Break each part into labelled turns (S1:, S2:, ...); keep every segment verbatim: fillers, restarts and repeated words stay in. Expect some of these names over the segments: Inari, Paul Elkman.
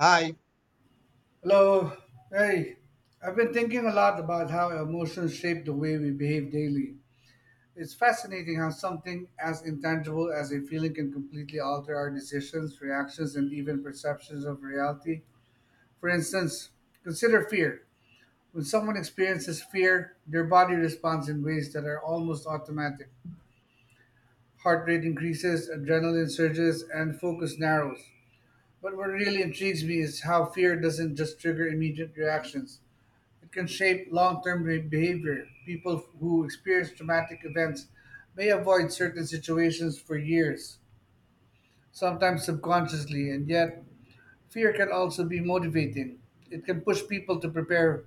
S1: Hi.
S2: Hello. Hey, I've been thinking a lot about how emotions shape the way we behave daily. It's fascinating how something as intangible as a feeling can completely alter our decisions, reactions, and even perceptions of reality. For instance, consider fear. When someone experiences fear, their body responds in ways that are almost automatic. Heart rate increases, adrenaline surges, and focus narrows. But what really intrigues me is how fear doesn't just trigger immediate reactions. It can shape long term behavior. People who experience traumatic events may avoid certain situations for years, sometimes subconsciously, and yet fear can also be motivating. It can push people to prepare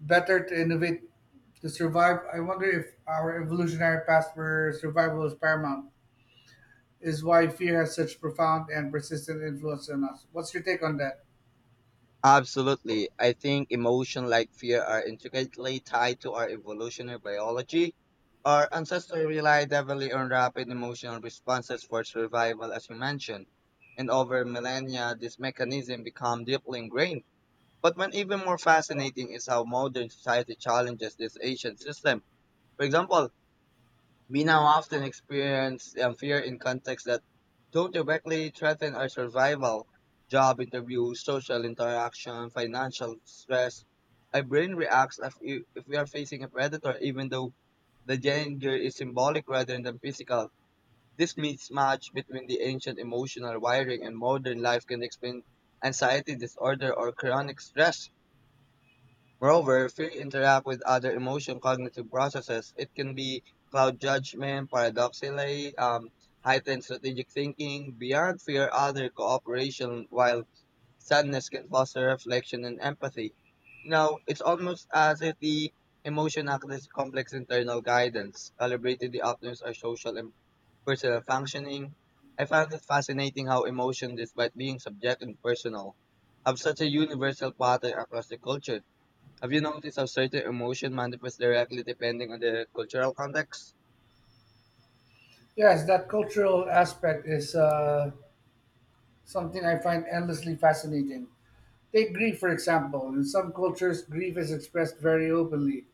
S2: better, to innovate, to survive. I wonder if our evolutionary past, where survival is paramount, is why fear has such profound and persistent influence on us. What's your take on that?
S1: Absolutely. I think emotion like fear are intricately tied to our evolutionary biology. Our ancestors relied heavily on rapid emotional responses for survival, as you mentioned. And over millennia, this mechanism became deeply ingrained. But what even more fascinating is how modern society challenges this ancient system. For example, we now often experience um, fear in contexts that don't directly threaten our survival, job interviews, social interaction, financial stress. Our brain reacts if, i- if we are facing a predator, even though the danger is symbolic rather than physical. This mismatch between the ancient emotional wiring and modern life can explain anxiety disorder or chronic stress. Moreover, fear interact with other emotion cognitive processes. It can be cloud judgment, paradoxically, um, heightened strategic thinking. Beyond fear, other cooperation, while sadness can foster reflection and empathy. You know, it's almost as if the emotion acts as complex internal guidance, calibrated the optimus our social and personal functioning. I found it fascinating how emotion, despite being subject and personal, have such a universal pattern across the culture. Have you noticed how certain emotion manifest directly depending on the cultural context?
S2: Yes, that cultural aspect is uh, something I find endlessly fascinating. Take grief, for example. In some cultures, grief is expressed very openly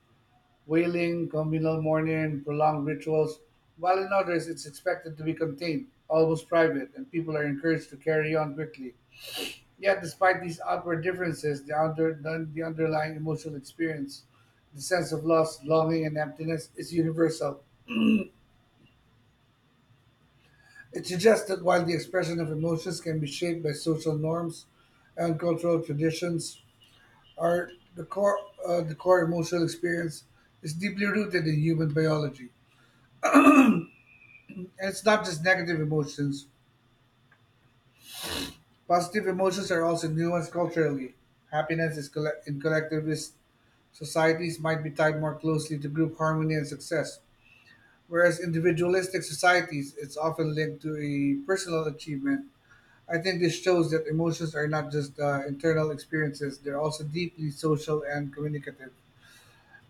S2: wailing, communal mourning, prolonged rituals, while in others, it's expected to be contained, almost private, and people are encouraged to carry on quickly. Yet, despite these outward differences, the, under, the, the underlying emotional experience, the sense of loss, longing, and emptiness, is universal. It suggests that while the expression of emotions can be shaped by social norms and cultural traditions, are the core uh, the core emotional experience is deeply rooted in human biology. And it's not just negative emotions. Positive emotions are also nuanced culturally. Happiness is colle- in collectivist societies might be tied more closely to group harmony and success, whereas individualistic societies it's often linked to a personal achievement. I think this shows that emotions are not just uh, internal experiences; they're also deeply social and communicative.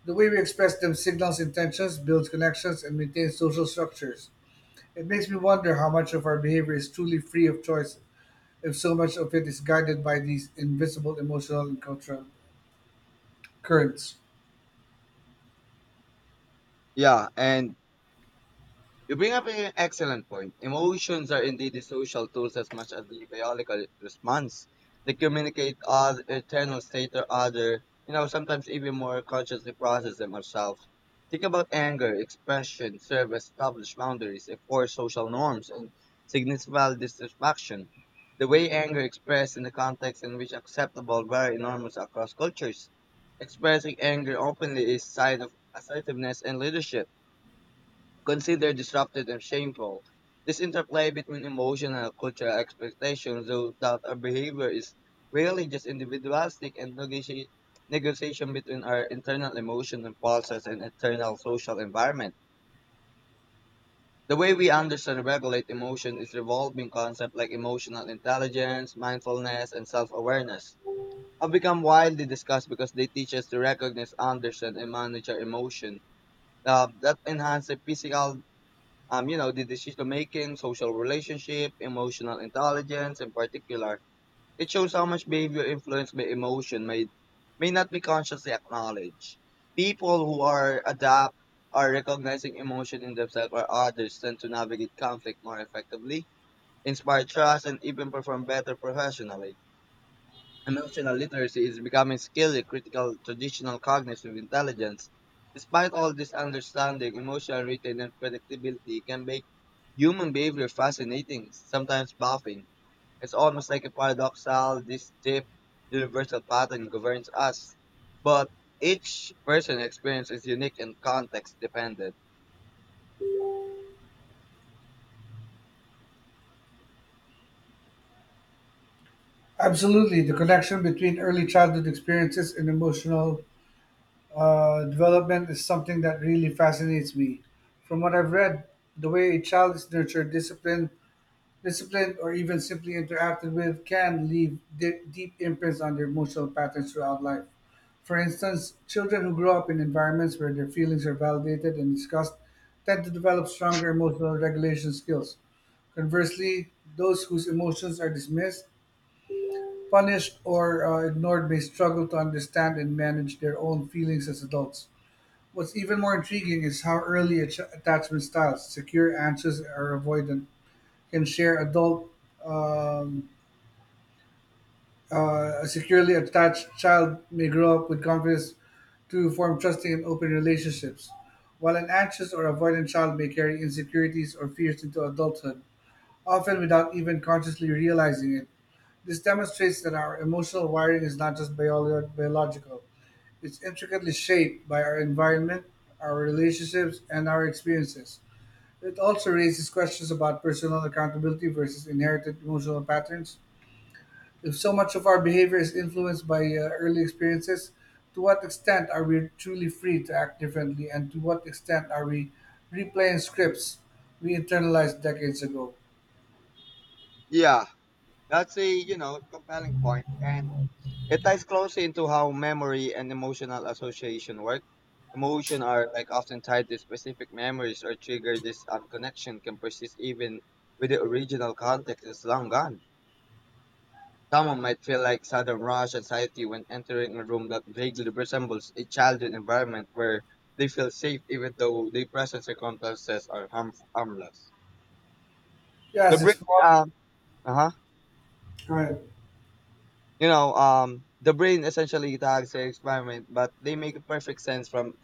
S2: The way we express them signals intentions, builds connections, and maintains social structures. It makes me wonder how much of our behavior is truly free of choice, if so much of it is guided by these invisible emotional and cultural currents.
S1: Yeah, and you bring up an excellent point. Emotions are indeed the social tools as much as the biological response. They communicate our internal state or other, you know, sometimes even more consciously process them ourselves. Think about anger, expression, serve established boundaries, enforce social norms, and significant dissatisfaction. The way anger expressed in the context in which acceptable vary enormous across cultures. Expressing anger openly is sign of assertiveness and leadership considered disruptive and shameful. This interplay between emotional and cultural expectations, though that our behavior is really just individualistic and negoti- negotiation between our internal emotions, and impulses and external social environment. The way we understand and regulate emotion is revolving concepts like emotional intelligence, mindfulness, and self-awareness have become widely discussed because they teach us to recognize, understand, and manage our emotion uh, that enhance the physical, um, you know, the decision making, social relationship, emotional intelligence in particular. It shows how much behavior influenced by emotion may may not be consciously acknowledged. People who are adapt are recognizing emotion in themselves or others tend to navigate conflict more effectively, inspire trust, and even perform better professionally. Emotional literacy is becoming scarcely critical traditional cognitive intelligence. Despite all this understanding, emotional retain and predictability can make human behavior fascinating, sometimes baffling. It's almost like a paradoxal, this deep universal pattern governs us. But each person's experience is unique and context dependent.
S2: Absolutely, the connection between early childhood experiences and emotional uh, development is something that really fascinates me. From what I've read, the way a child is nurtured, disciplined, disciplined, or even simply interacted with can leave de- deep imprints on their emotional patterns throughout life. For instance, children who grow up in environments where their feelings are validated and discussed tend to develop stronger emotional regulation skills. Conversely, those whose emotions are dismissed, punished, or uh, ignored may struggle to understand and manage their own feelings as adults. What's even more intriguing is how early ach- attachment styles, secure, anxious, or avoidant, can share adult um, uh, a securely attached child may grow up with confidence to form trusting and open relationships, while an anxious or avoidant child may carry insecurities or fears into adulthood, often without even consciously realizing it. This demonstrates that our emotional wiring is not just biolo- biological, it's intricately shaped by our environment, our relationships, and our experiences. It also raises questions about personal accountability versus inherited emotional patterns. If so much of our behavior is influenced by uh, early experiences, to what extent are we truly free to act differently, and to what extent are we replaying scripts we internalized decades ago?
S1: Yeah, that's a you know compelling point, and it ties closely into how memory and emotional association work. Emotion are like often tied to specific memories or trigger this um, connection can persist even with the original context is long gone. Someone might feel like sudden rush anxiety when entering a room that vaguely resembles a childhood environment where they feel safe even though the present circumstances are harm- harmless. The
S2: Yes,
S1: break,
S2: explore,
S1: um, uh huh.
S2: right.
S1: You know, um, the brain essentially tags the experiment, but they make perfect sense from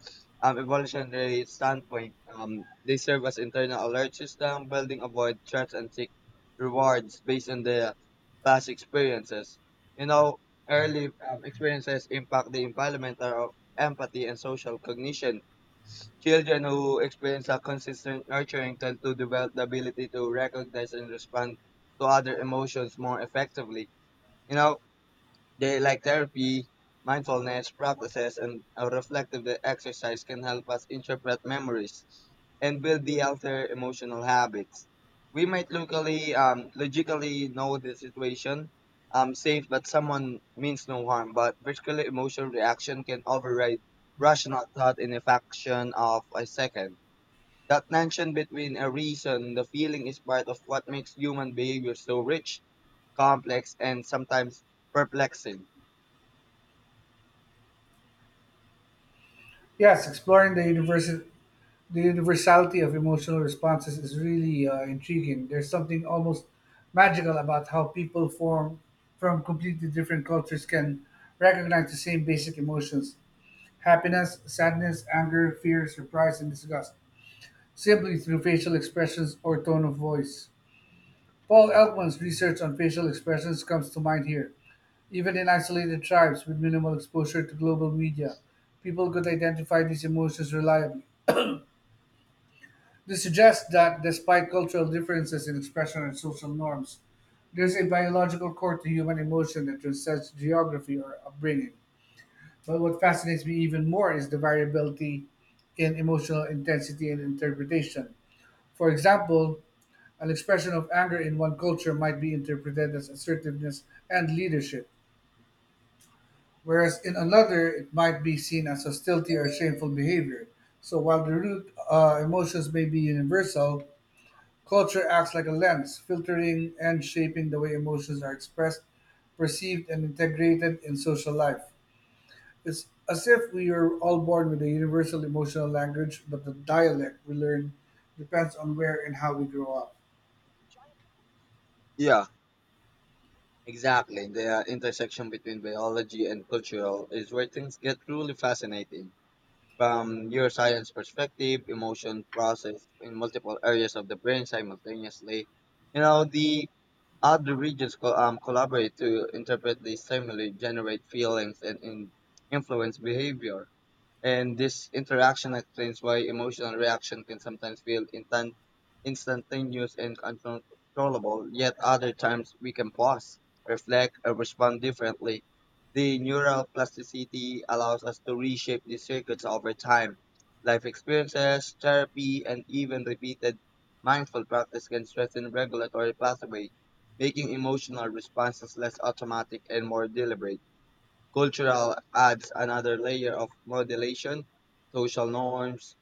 S1: um, evolutionary standpoint. Um, they serve as internal alert system, building avoid threats and seek rewards based on the past experiences. You know, early um, experiences impact the environmental of empathy and social cognition. Children who experience a consistent nurturing tend to develop the ability to recognize and respond to other emotions more effectively. You know, they like therapy, mindfulness practices, and a reflective exercise can help us interpret memories and build the healthier emotional habits. We might locally, um, logically know the situation, um, safe, but someone means no harm. But particularly emotional reaction can override rational thought in a fraction of a second. That tension between a reason and the feeling is part of what makes human behavior so rich, complex, and sometimes perplexing.
S2: Yes, exploring the universe, the universality of emotional responses is really uh, intriguing. There's something almost magical about how people form from completely different cultures can recognize the same basic emotions: happiness, sadness, anger, fear, surprise, and disgust simply through facial expressions or tone of voice. Paul Elkman's research on facial expressions comes to mind here. Even in isolated tribes with minimal exposure to global media, people could identify these emotions reliably. This suggests that despite cultural differences in expression and social norms, there's a biological core to human emotion that transcends geography or upbringing. But what fascinates me even more is the variability in emotional intensity and interpretation. For example, an expression of anger in one culture might be interpreted as assertiveness and leadership, whereas in another it might be seen as hostility or shameful behavior. So while the root uh, emotions may be universal, culture acts like a lens, filtering and shaping the way emotions are expressed, perceived, and integrated in social life. It's as if we are all born with a universal emotional language, but the dialect we learn depends on where and how we grow up.
S1: Yeah, exactly. The uh, intersection between biology and cultural is where things get truly fascinating. From neuroscience perspective, emotion process in multiple areas of the brain simultaneously. You know, the other regions co- um, collaborate to interpret the stimuli, generate feelings, and in- influence behavior. And this interaction explains why emotional reaction can sometimes feel instant, instantaneous and uncontrollable, yet other times we can pause, reflect, and respond differently. The neural plasticity allows us to reshape these circuits over time. Life experiences, therapy, and even repeated mindful practice can strengthen regulatory pathways, making emotional responses less automatic and more deliberate. Cultural adds another layer of modulation. Social norms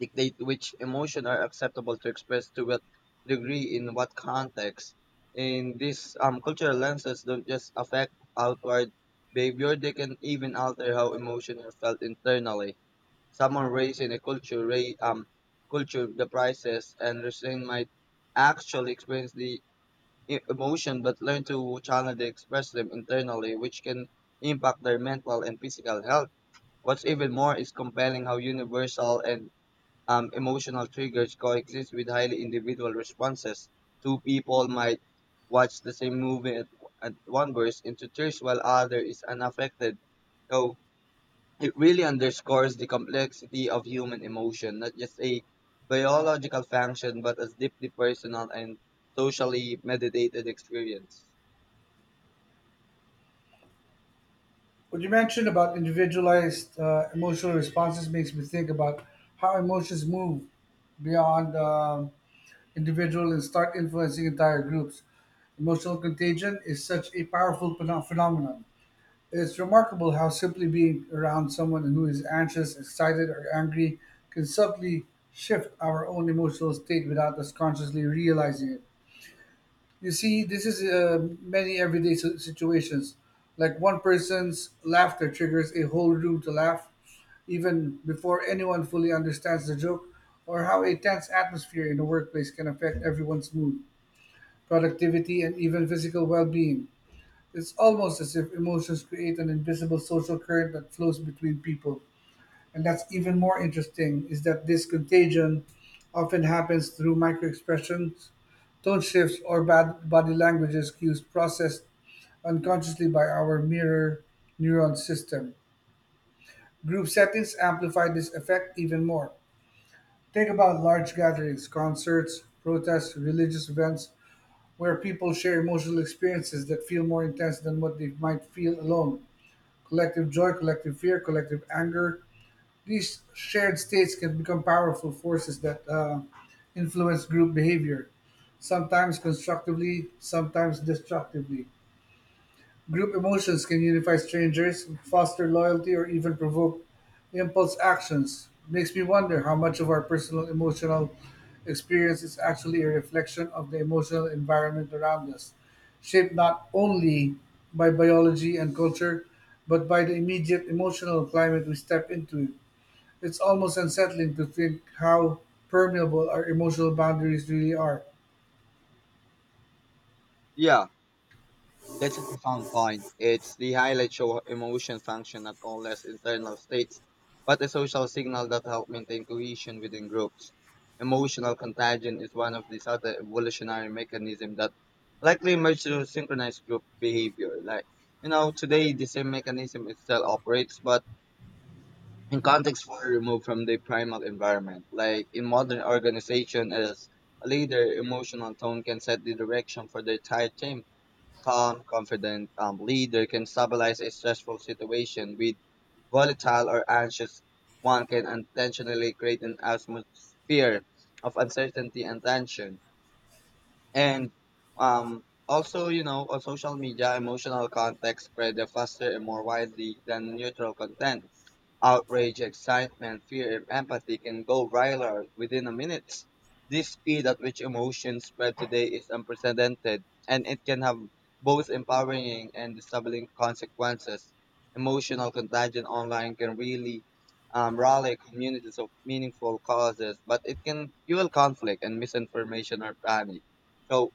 S1: dictate which emotion are acceptable to express to what degree in what context. In these um, cultural lenses don't just affect outward behavior, they can even alter how emotions are felt internally. Someone raised in a culture, ra- um, culture the prices and restraint might actually experience the e- emotion but learn to channel and express them internally, which can impact their mental and physical health. What's even more is compelling how universal and um, emotional triggers coexist with highly individual responses. Two people might watch the same movie at, at one burst into tears while other is unaffected. So it really underscores the complexity of human emotion, not just a biological function, but as deeply personal and socially mediated experience.
S2: What you mentioned about individualized uh, emotional responses makes me think about how emotions move beyond um, individual and start influencing entire groups. Emotional contagion is such a powerful pheno- phenomenon. It's remarkable how simply being around someone who is anxious, excited, or angry can subtly shift our own emotional state without us consciously realizing it. You see, this is uh, many everyday si- situations. Like one person's laughter triggers a whole room to laugh, even before anyone fully understands the joke, or how a tense atmosphere in the workplace can affect everyone's mood, productivity, and even physical well being. It's almost as if emotions create an invisible social current that flows between people. And that's even more interesting is that this contagion often happens through microexpressions, tone shifts, or bad body languages cues processed unconsciously by our mirror neuron system. Group settings amplify this effect even more. Think about large gatherings, concerts, protests, religious events, where people share emotional experiences that feel more intense than what they might feel alone. Collective joy, collective fear, collective anger, these shared states can become powerful forces that uh, influence group behavior, sometimes constructively, sometimes destructively. Group emotions can unify strangers, foster loyalty, or even provoke impulse actions. Makes me wonder how much of our personal emotional experience is actually a reflection of the emotional environment around us, shaped not only by biology and culture, but by the immediate emotional climate we step into. It's almost unsettling to think how permeable our emotional boundaries really are.
S1: Yeah, that's a profound point. It's the highlight show emotion function not only as internal states, but a social signal that help maintain cohesion within groups. Emotional contagion is one of these other evolutionary mechanisms that likely emerged through synchronized group behavior. Like you know, today the same mechanism it still operates, but in context far removed from their primal environment. Like in modern organization, as a leader, emotional tone can set the direction for the entire team. Calm, confident um, leader can stabilize a stressful situation with volatile or anxious one can intentionally create an atmosphere of uncertainty and tension. And um, also, you know, on social media, emotional context spread faster and more widely than neutral content. Outrage, excitement, fear, and empathy can go viral within a minute. This speed at which emotions spread today is unprecedented, and it can have both empowering and disabling consequences. Emotional contagion online can really um, rally communities of meaningful causes, but it can fuel conflict and misinformation or panic. So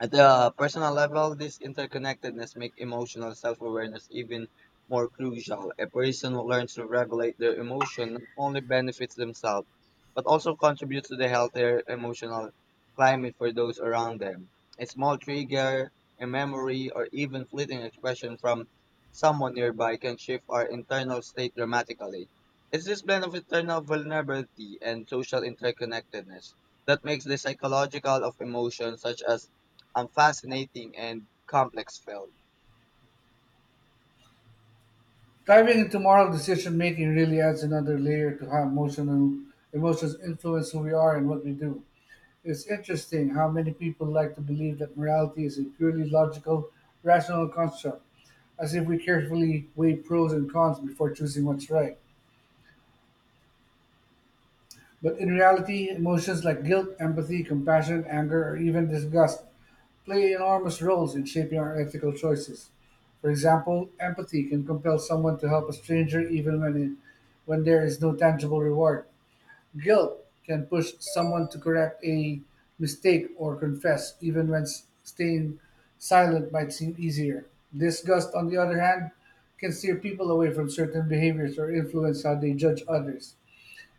S1: at the personal level, this interconnectedness makes emotional self-awareness even more crucial. A person who learns to regulate their emotion not only benefits themselves, but also contributes to the healthier emotional climate for those around them. A small trigger, a memory, or even fleeting expression from someone nearby can shift our internal state dramatically. It's this blend of internal vulnerability and social interconnectedness that makes the psychological of emotions such as and fascinating and complex film.
S2: Diving into moral decision making really adds another layer to how emotional emotions influence who we are and what we do. It's interesting how many people like to believe that morality is a purely logical, rational construct, as if we carefully weigh pros and cons before choosing what's right. But in reality, emotions like guilt, empathy, compassion, anger, or even disgust play enormous roles in shaping our ethical choices. For example, empathy can compel someone to help a stranger even when, it, when there is no tangible reward. Guilt can push someone to correct a mistake or confess, even when s- staying silent might seem easier. Disgust, on the other hand, can steer people away from certain behaviors or influence how they judge others,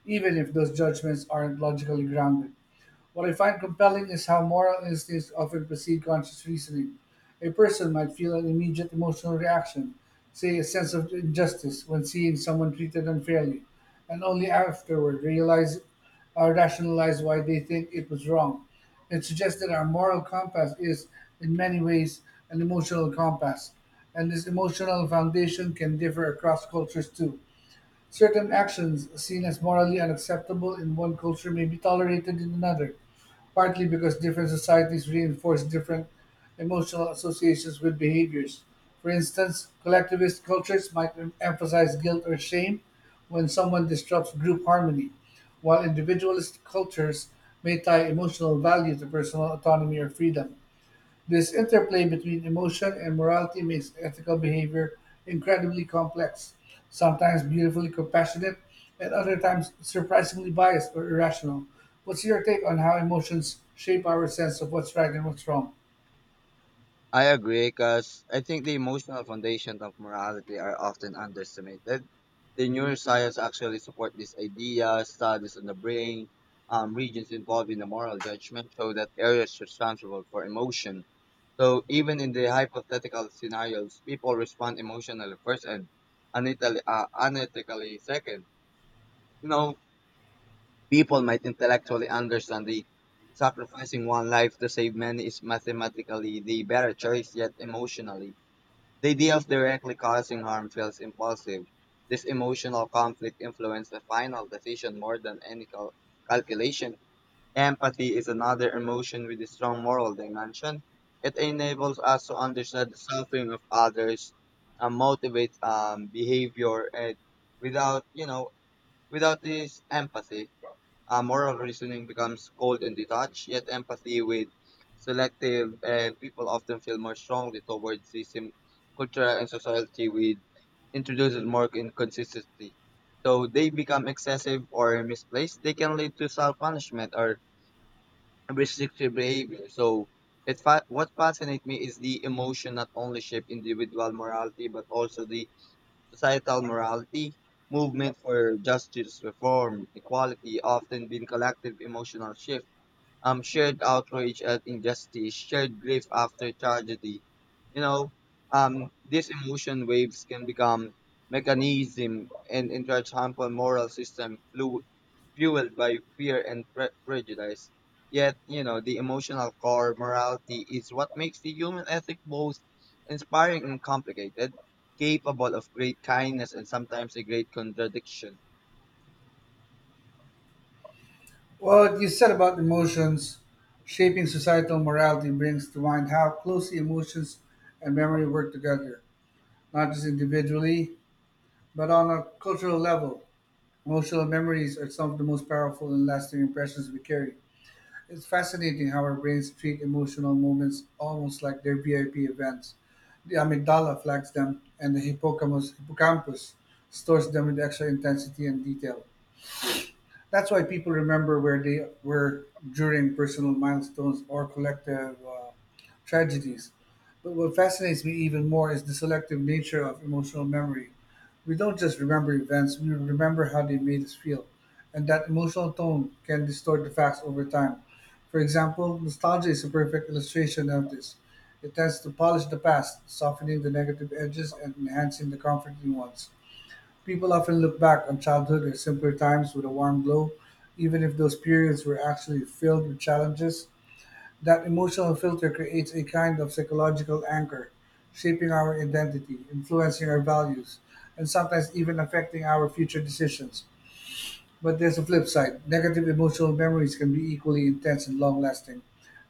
S2: even if those judgments aren't logically grounded. What I find compelling is how moral instincts often precede conscious reasoning. A person might feel an immediate emotional reaction, say a sense of injustice when seeing someone treated unfairly, and only afterward realize or rationalize why they think it was wrong. It suggests that our moral compass is, in many ways, an emotional compass, and this emotional foundation can differ across cultures too. Certain actions seen as morally unacceptable in one culture may be tolerated in another, partly because different societies reinforce different emotional associations with behaviors. For instance, collectivist cultures might em- emphasize guilt or shame when someone disrupts group harmony, while individualist cultures may tie emotional value to personal autonomy or freedom. This interplay between emotion and morality makes ethical behavior incredibly complex, sometimes beautifully compassionate, and other times surprisingly biased or irrational. What's your take on how emotions shape our sense of what's right and what's wrong?
S1: I agree because I think the emotional foundation of morality are often underestimated. The neuroscience actually support this idea, studies on the brain, um, regions involved in the moral judgment show that areas responsible for emotion. So even in the hypothetical scenarios, people respond emotionally first and unethically, uh, unethically second. You know, people might intellectually understand the sacrificing one life to save many is mathematically the better choice, yet emotionally, the idea of directly causing harm feels impulsive. This emotional conflict influences the final decision more than any cal- calculation. Empathy is another emotion with a strong moral dimension. It enables us to understand the suffering of others and motivates um, behavior. And without, you know, without this empathy, uh, moral reasoning becomes cold and detached, yet empathy with selective and people often feel more strongly towards the same culture and society with introduces more inconsistency. So they become excessive or misplaced. They can lead to self-punishment or restrictive behavior. So it fa- what fascinates me is the emotion not only shape individual morality but also the societal morality, movement for justice, reform, equality often been collective emotional shifts, um, shared outrage at injustice, shared grief after tragedy. You know, um, these emotion waves can become mechanism and into a harmful moral system flu- fueled by fear and pre- prejudice. Yet, you know, the emotional core morality is what makes the human ethic both inspiring and complicated, capable of great kindness and sometimes a great contradiction.
S2: What you said about emotions shaping societal morality brings to mind how closely emotions and memory work together, not just individually, but on a cultural level. Emotional memories are some of the most powerful and lasting impressions we carry. It's fascinating how our brains treat emotional moments almost like they're V I P events. The amygdala flags them, and the hippocampus, hippocampus stores them with extra intensity and detail. That's why people remember where they were during personal milestones or collective uh, tragedies. But what fascinates me even more is the selective nature of emotional memory. We don't just remember events, we remember how they made us feel. And that emotional tone can distort the facts over time. For example, nostalgia is a perfect illustration of this. It tends to polish the past, softening the negative edges and enhancing the comforting ones. People often look back on childhood and simpler times with a warm glow, even if those periods were actually filled with challenges. That emotional filter creates a kind of psychological anchor, shaping our identity, influencing our values, and sometimes even affecting our future decisions. But there's a flip side negative emotional memories can be equally intense and long lasting.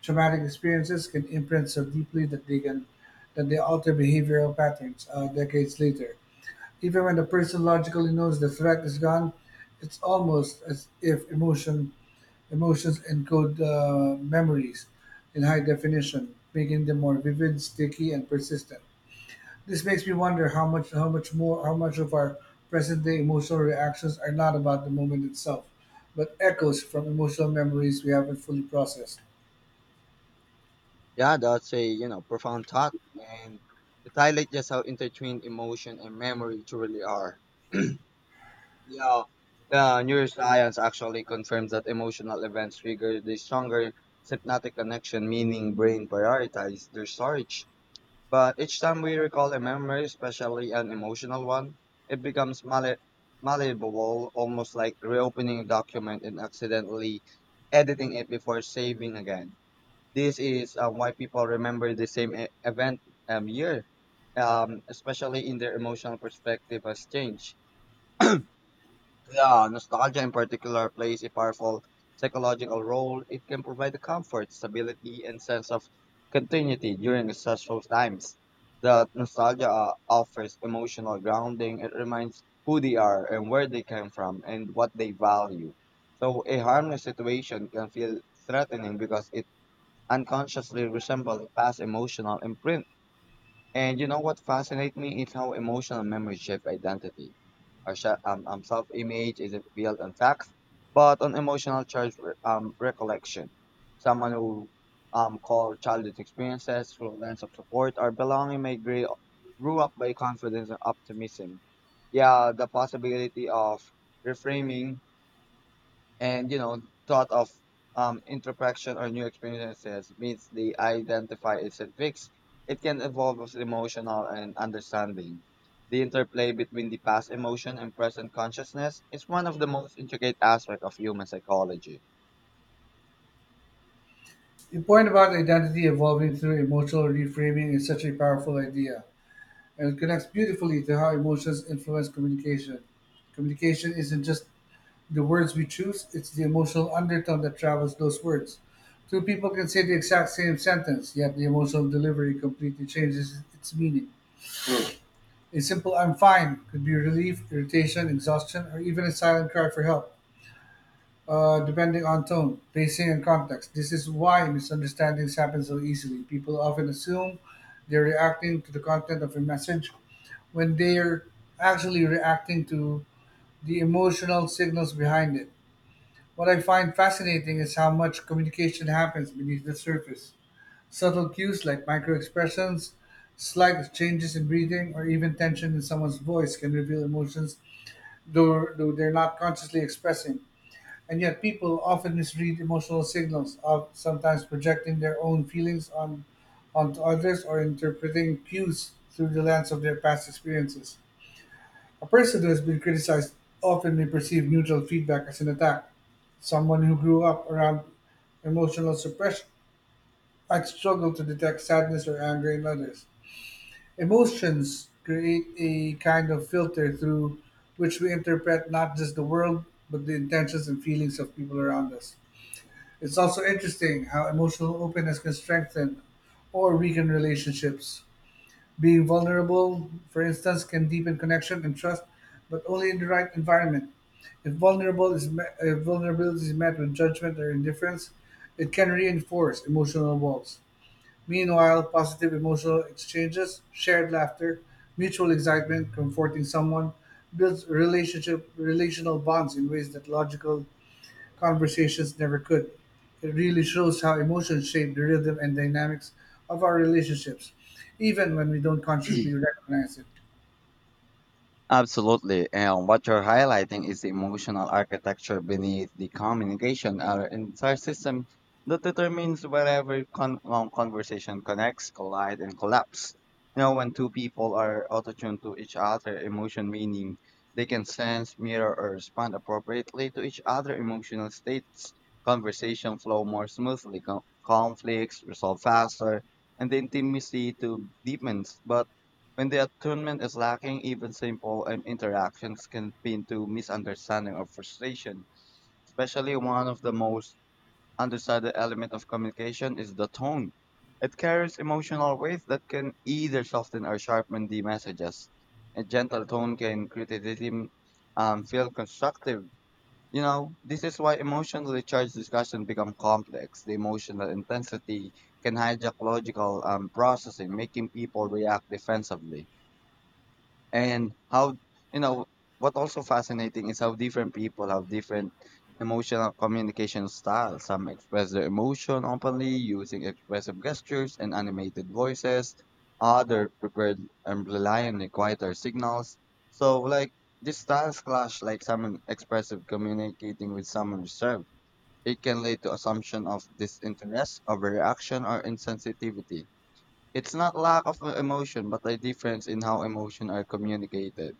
S2: Traumatic experiences can imprint so deeply that they can that they alter behavioral patterns uh, decades later. Even when the person logically knows the threat is gone, it's almost as if emotion emotions encode the memories in high definition, making them more vivid, sticky, and persistent. This makes me wonder how much how much more how much of our present day emotional reactions are not about the moment itself, but echoes from emotional memories we haven't fully processed.
S1: Yeah, that's a you know profound thought, and it highlights just how intertwined emotion and memory truly are. Yeah, the neuroscience actually confirms that emotional events trigger the stronger synaptic connection, meaning brain prioritize their storage. But each time we recall a memory, especially an emotional one, it becomes malle- malleable, almost like reopening a document and accidentally editing it before saving again. This is uh, why people remember the same e- event um, year, um, especially in their emotional perspective has changed. Yeah, nostalgia in particular plays a powerful psychological role. It can provide the comfort, stability, and sense of continuity during stressful times. The nostalgia uh, offers emotional grounding. It reminds who they are and where they came from and what they value. So a harmless situation can feel threatening because it unconsciously resemble a past emotional imprint. And you know what fascinates me is how emotional memories shape identity. Our sh- um, um, self-image isn't built on facts, but on emotional charge re- um, recollection. Someone who um, called childhood experiences through a lens of support or belonging may grow grew up by confidence and optimism. Yeah, the possibility of reframing and you know thought of um, introspection or new experiences means they identify isn't fixed. It can evolve with emotional and understanding. The interplay between the past emotion and present consciousness is one of the most intricate aspects of human psychology.
S2: Your point about identity evolving through emotional reframing is such a powerful idea, and it connects beautifully to how emotions influence communication. Communication isn't just the words we choose, it's the emotional undertone that travels those words. Two people can say the exact same sentence, yet the emotional delivery completely changes its meaning. A simple I'm fine could be relief, irritation, exhaustion, or even a silent cry for help uh, depending on tone, pacing, and context. This is why misunderstandings happen so easily. People often assume they're reacting to the content of a message when they're actually reacting to the emotional signals behind it. What I find fascinating is how much communication happens beneath the surface. Subtle cues like microexpressions, slight changes in breathing, or even tension in someone's voice can reveal emotions though, though they're not consciously expressing. And yet, people often misread emotional signals, of sometimes projecting their own feelings on onto others or interpreting cues through the lens of their past experiences. A person who has been criticized often may perceive neutral feedback as an attack. Someone who grew up around emotional suppression might struggle to detect sadness or anger in others. Emotions create a kind of filter through which we interpret not just the world, but the intentions and feelings of people around us. It's also interesting how emotional openness can strengthen or weaken relationships. Being vulnerable, for instance, can deepen connection and trust, but only in the right environment. If vulnerable is met, if vulnerability is met with judgment or indifference, it can reinforce emotional walls. Meanwhile, positive emotional exchanges, shared laughter, mutual excitement, comforting someone builds relationship relational bonds in ways that logical conversations never could. It really shows how emotions shape the rhythm and dynamics of our relationships, even when we don't consciously recognize it.
S1: Absolutely. And what you're highlighting is the emotional architecture beneath the communication or entire system that determines wherever con- um, conversation connects, collide, and collapse. You know, when two people are attuned to each other, emotion meaning they can sense, mirror, or respond appropriately to each other emotional states. Conversation flow more smoothly, co- conflicts resolve faster, and the intimacy to deepens. But when the attunement is lacking, even simple and interactions can lead to misunderstanding or frustration. Especially one of the most understudied element of communication is the tone. It carries emotional weight that can either soften or sharpen the messages. A gentle tone can criticism um, feel constructive. You know, this is why emotionally charged discussion become complex. The emotional intensity can hijack logical um, processing, making people react defensively. And how you know what also fascinating is how different people have different emotional communication styles, some express their emotion openly using expressive gestures and animated voices, other prepared and rely on the quieter signals. So like these styles clash, like someone expressive communicating with someone reserved, it can lead to assumption of disinterest, overreaction, or insensitivity. It's not lack of emotion but a difference in how emotion are communicated.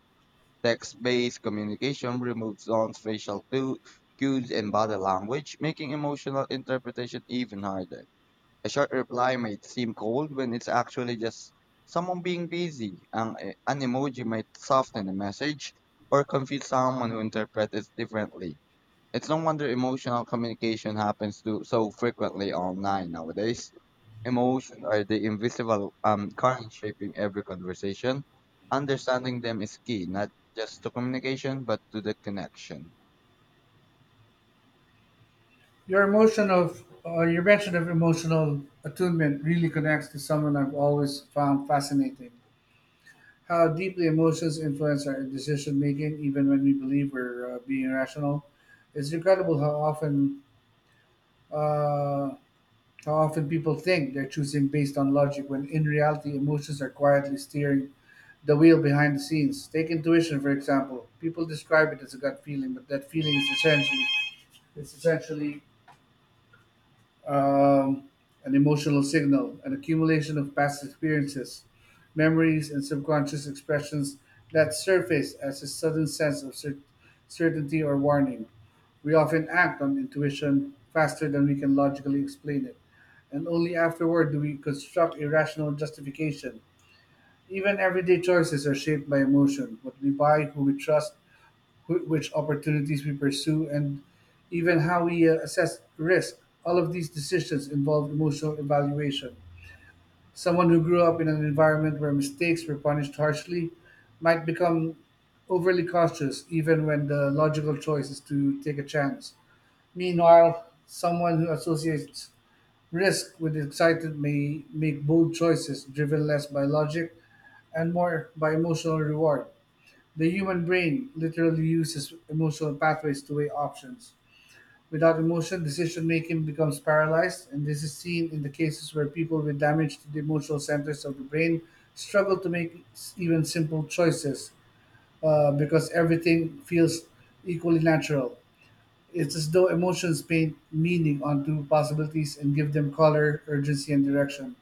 S1: Text-based communication removes non-facial clu- cues and body language, making emotional interpretation even harder. A short reply might seem cold when it's actually just someone being busy. Ang, eh, an emoji might soften a message or confuse someone who interprets it differently. It's no wonder emotional communication happens to so frequently online nowadays. Emotions are the invisible um, current shaping every conversation. Understanding them is key, not just to communication, but to the connection.
S2: Your emotion of uh, your mention of emotional attunement really connects to someone I've always found fascinating. How deeply emotions influence our decision making, even when we believe we're uh, being rational. It's incredible how often uh, How often people think they're choosing based on logic when in reality emotions are quietly steering the wheel behind the scenes. Take intuition for example. People describe it as a gut feeling, but that feeling is essentially it's essentially um, an emotional signal, an accumulation of past experiences, memories, and subconscious expressions that surface as a sudden sense of cer- certainty or warning. We often act on intuition faster than we can logically explain it, and only afterward do we construct a rational justification. Even everyday choices are shaped by emotion what we buy, who we trust, wh- which opportunities we pursue, and even how we uh, assess risk. All of these decisions involve emotional evaluation. Someone who grew up in an environment where mistakes were punished harshly might become overly cautious, even when the logical choice is to take a chance. Meanwhile, someone who associates risk with excitement may make bold choices driven less by logic and more by emotional reward. The human brain literally uses emotional pathways to weigh options. Without emotion, decision making becomes paralyzed, and this is seen in the cases where people with damage to the emotional centers of the brain struggle to make s- even simple choices uh, because everything feels equally natural. It's as though emotions paint meaning onto possibilities and give them color, urgency, and direction.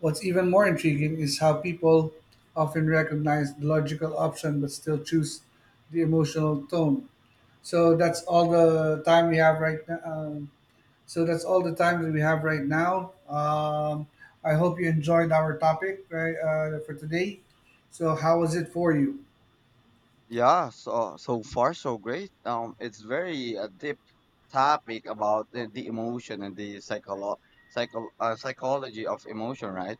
S2: What's even more intriguing is how people often recognize the logical option but still choose the emotional tone. So that's all the time we have right now. Um, so that's all the time that we have right now. Um, I hope you enjoyed our topic right uh, for today. So how was it for you?
S1: Yeah, so so far so great. Um, it's very a deep topic about the, the emotion and the psycholo psycho uh, psychology of emotion, right?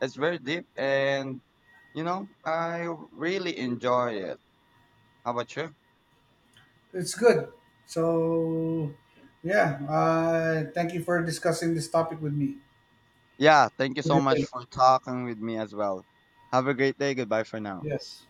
S1: It's very deep, and you know, I really enjoy it. How about you?
S2: It's good. So yeah, uh, thank you for discussing this topic with me.
S1: Yeah, thank you
S2: Have a
S1: so
S2: good
S1: much
S2: day.
S1: for talking with me as well. Have a great day. Goodbye for now.
S2: Yes.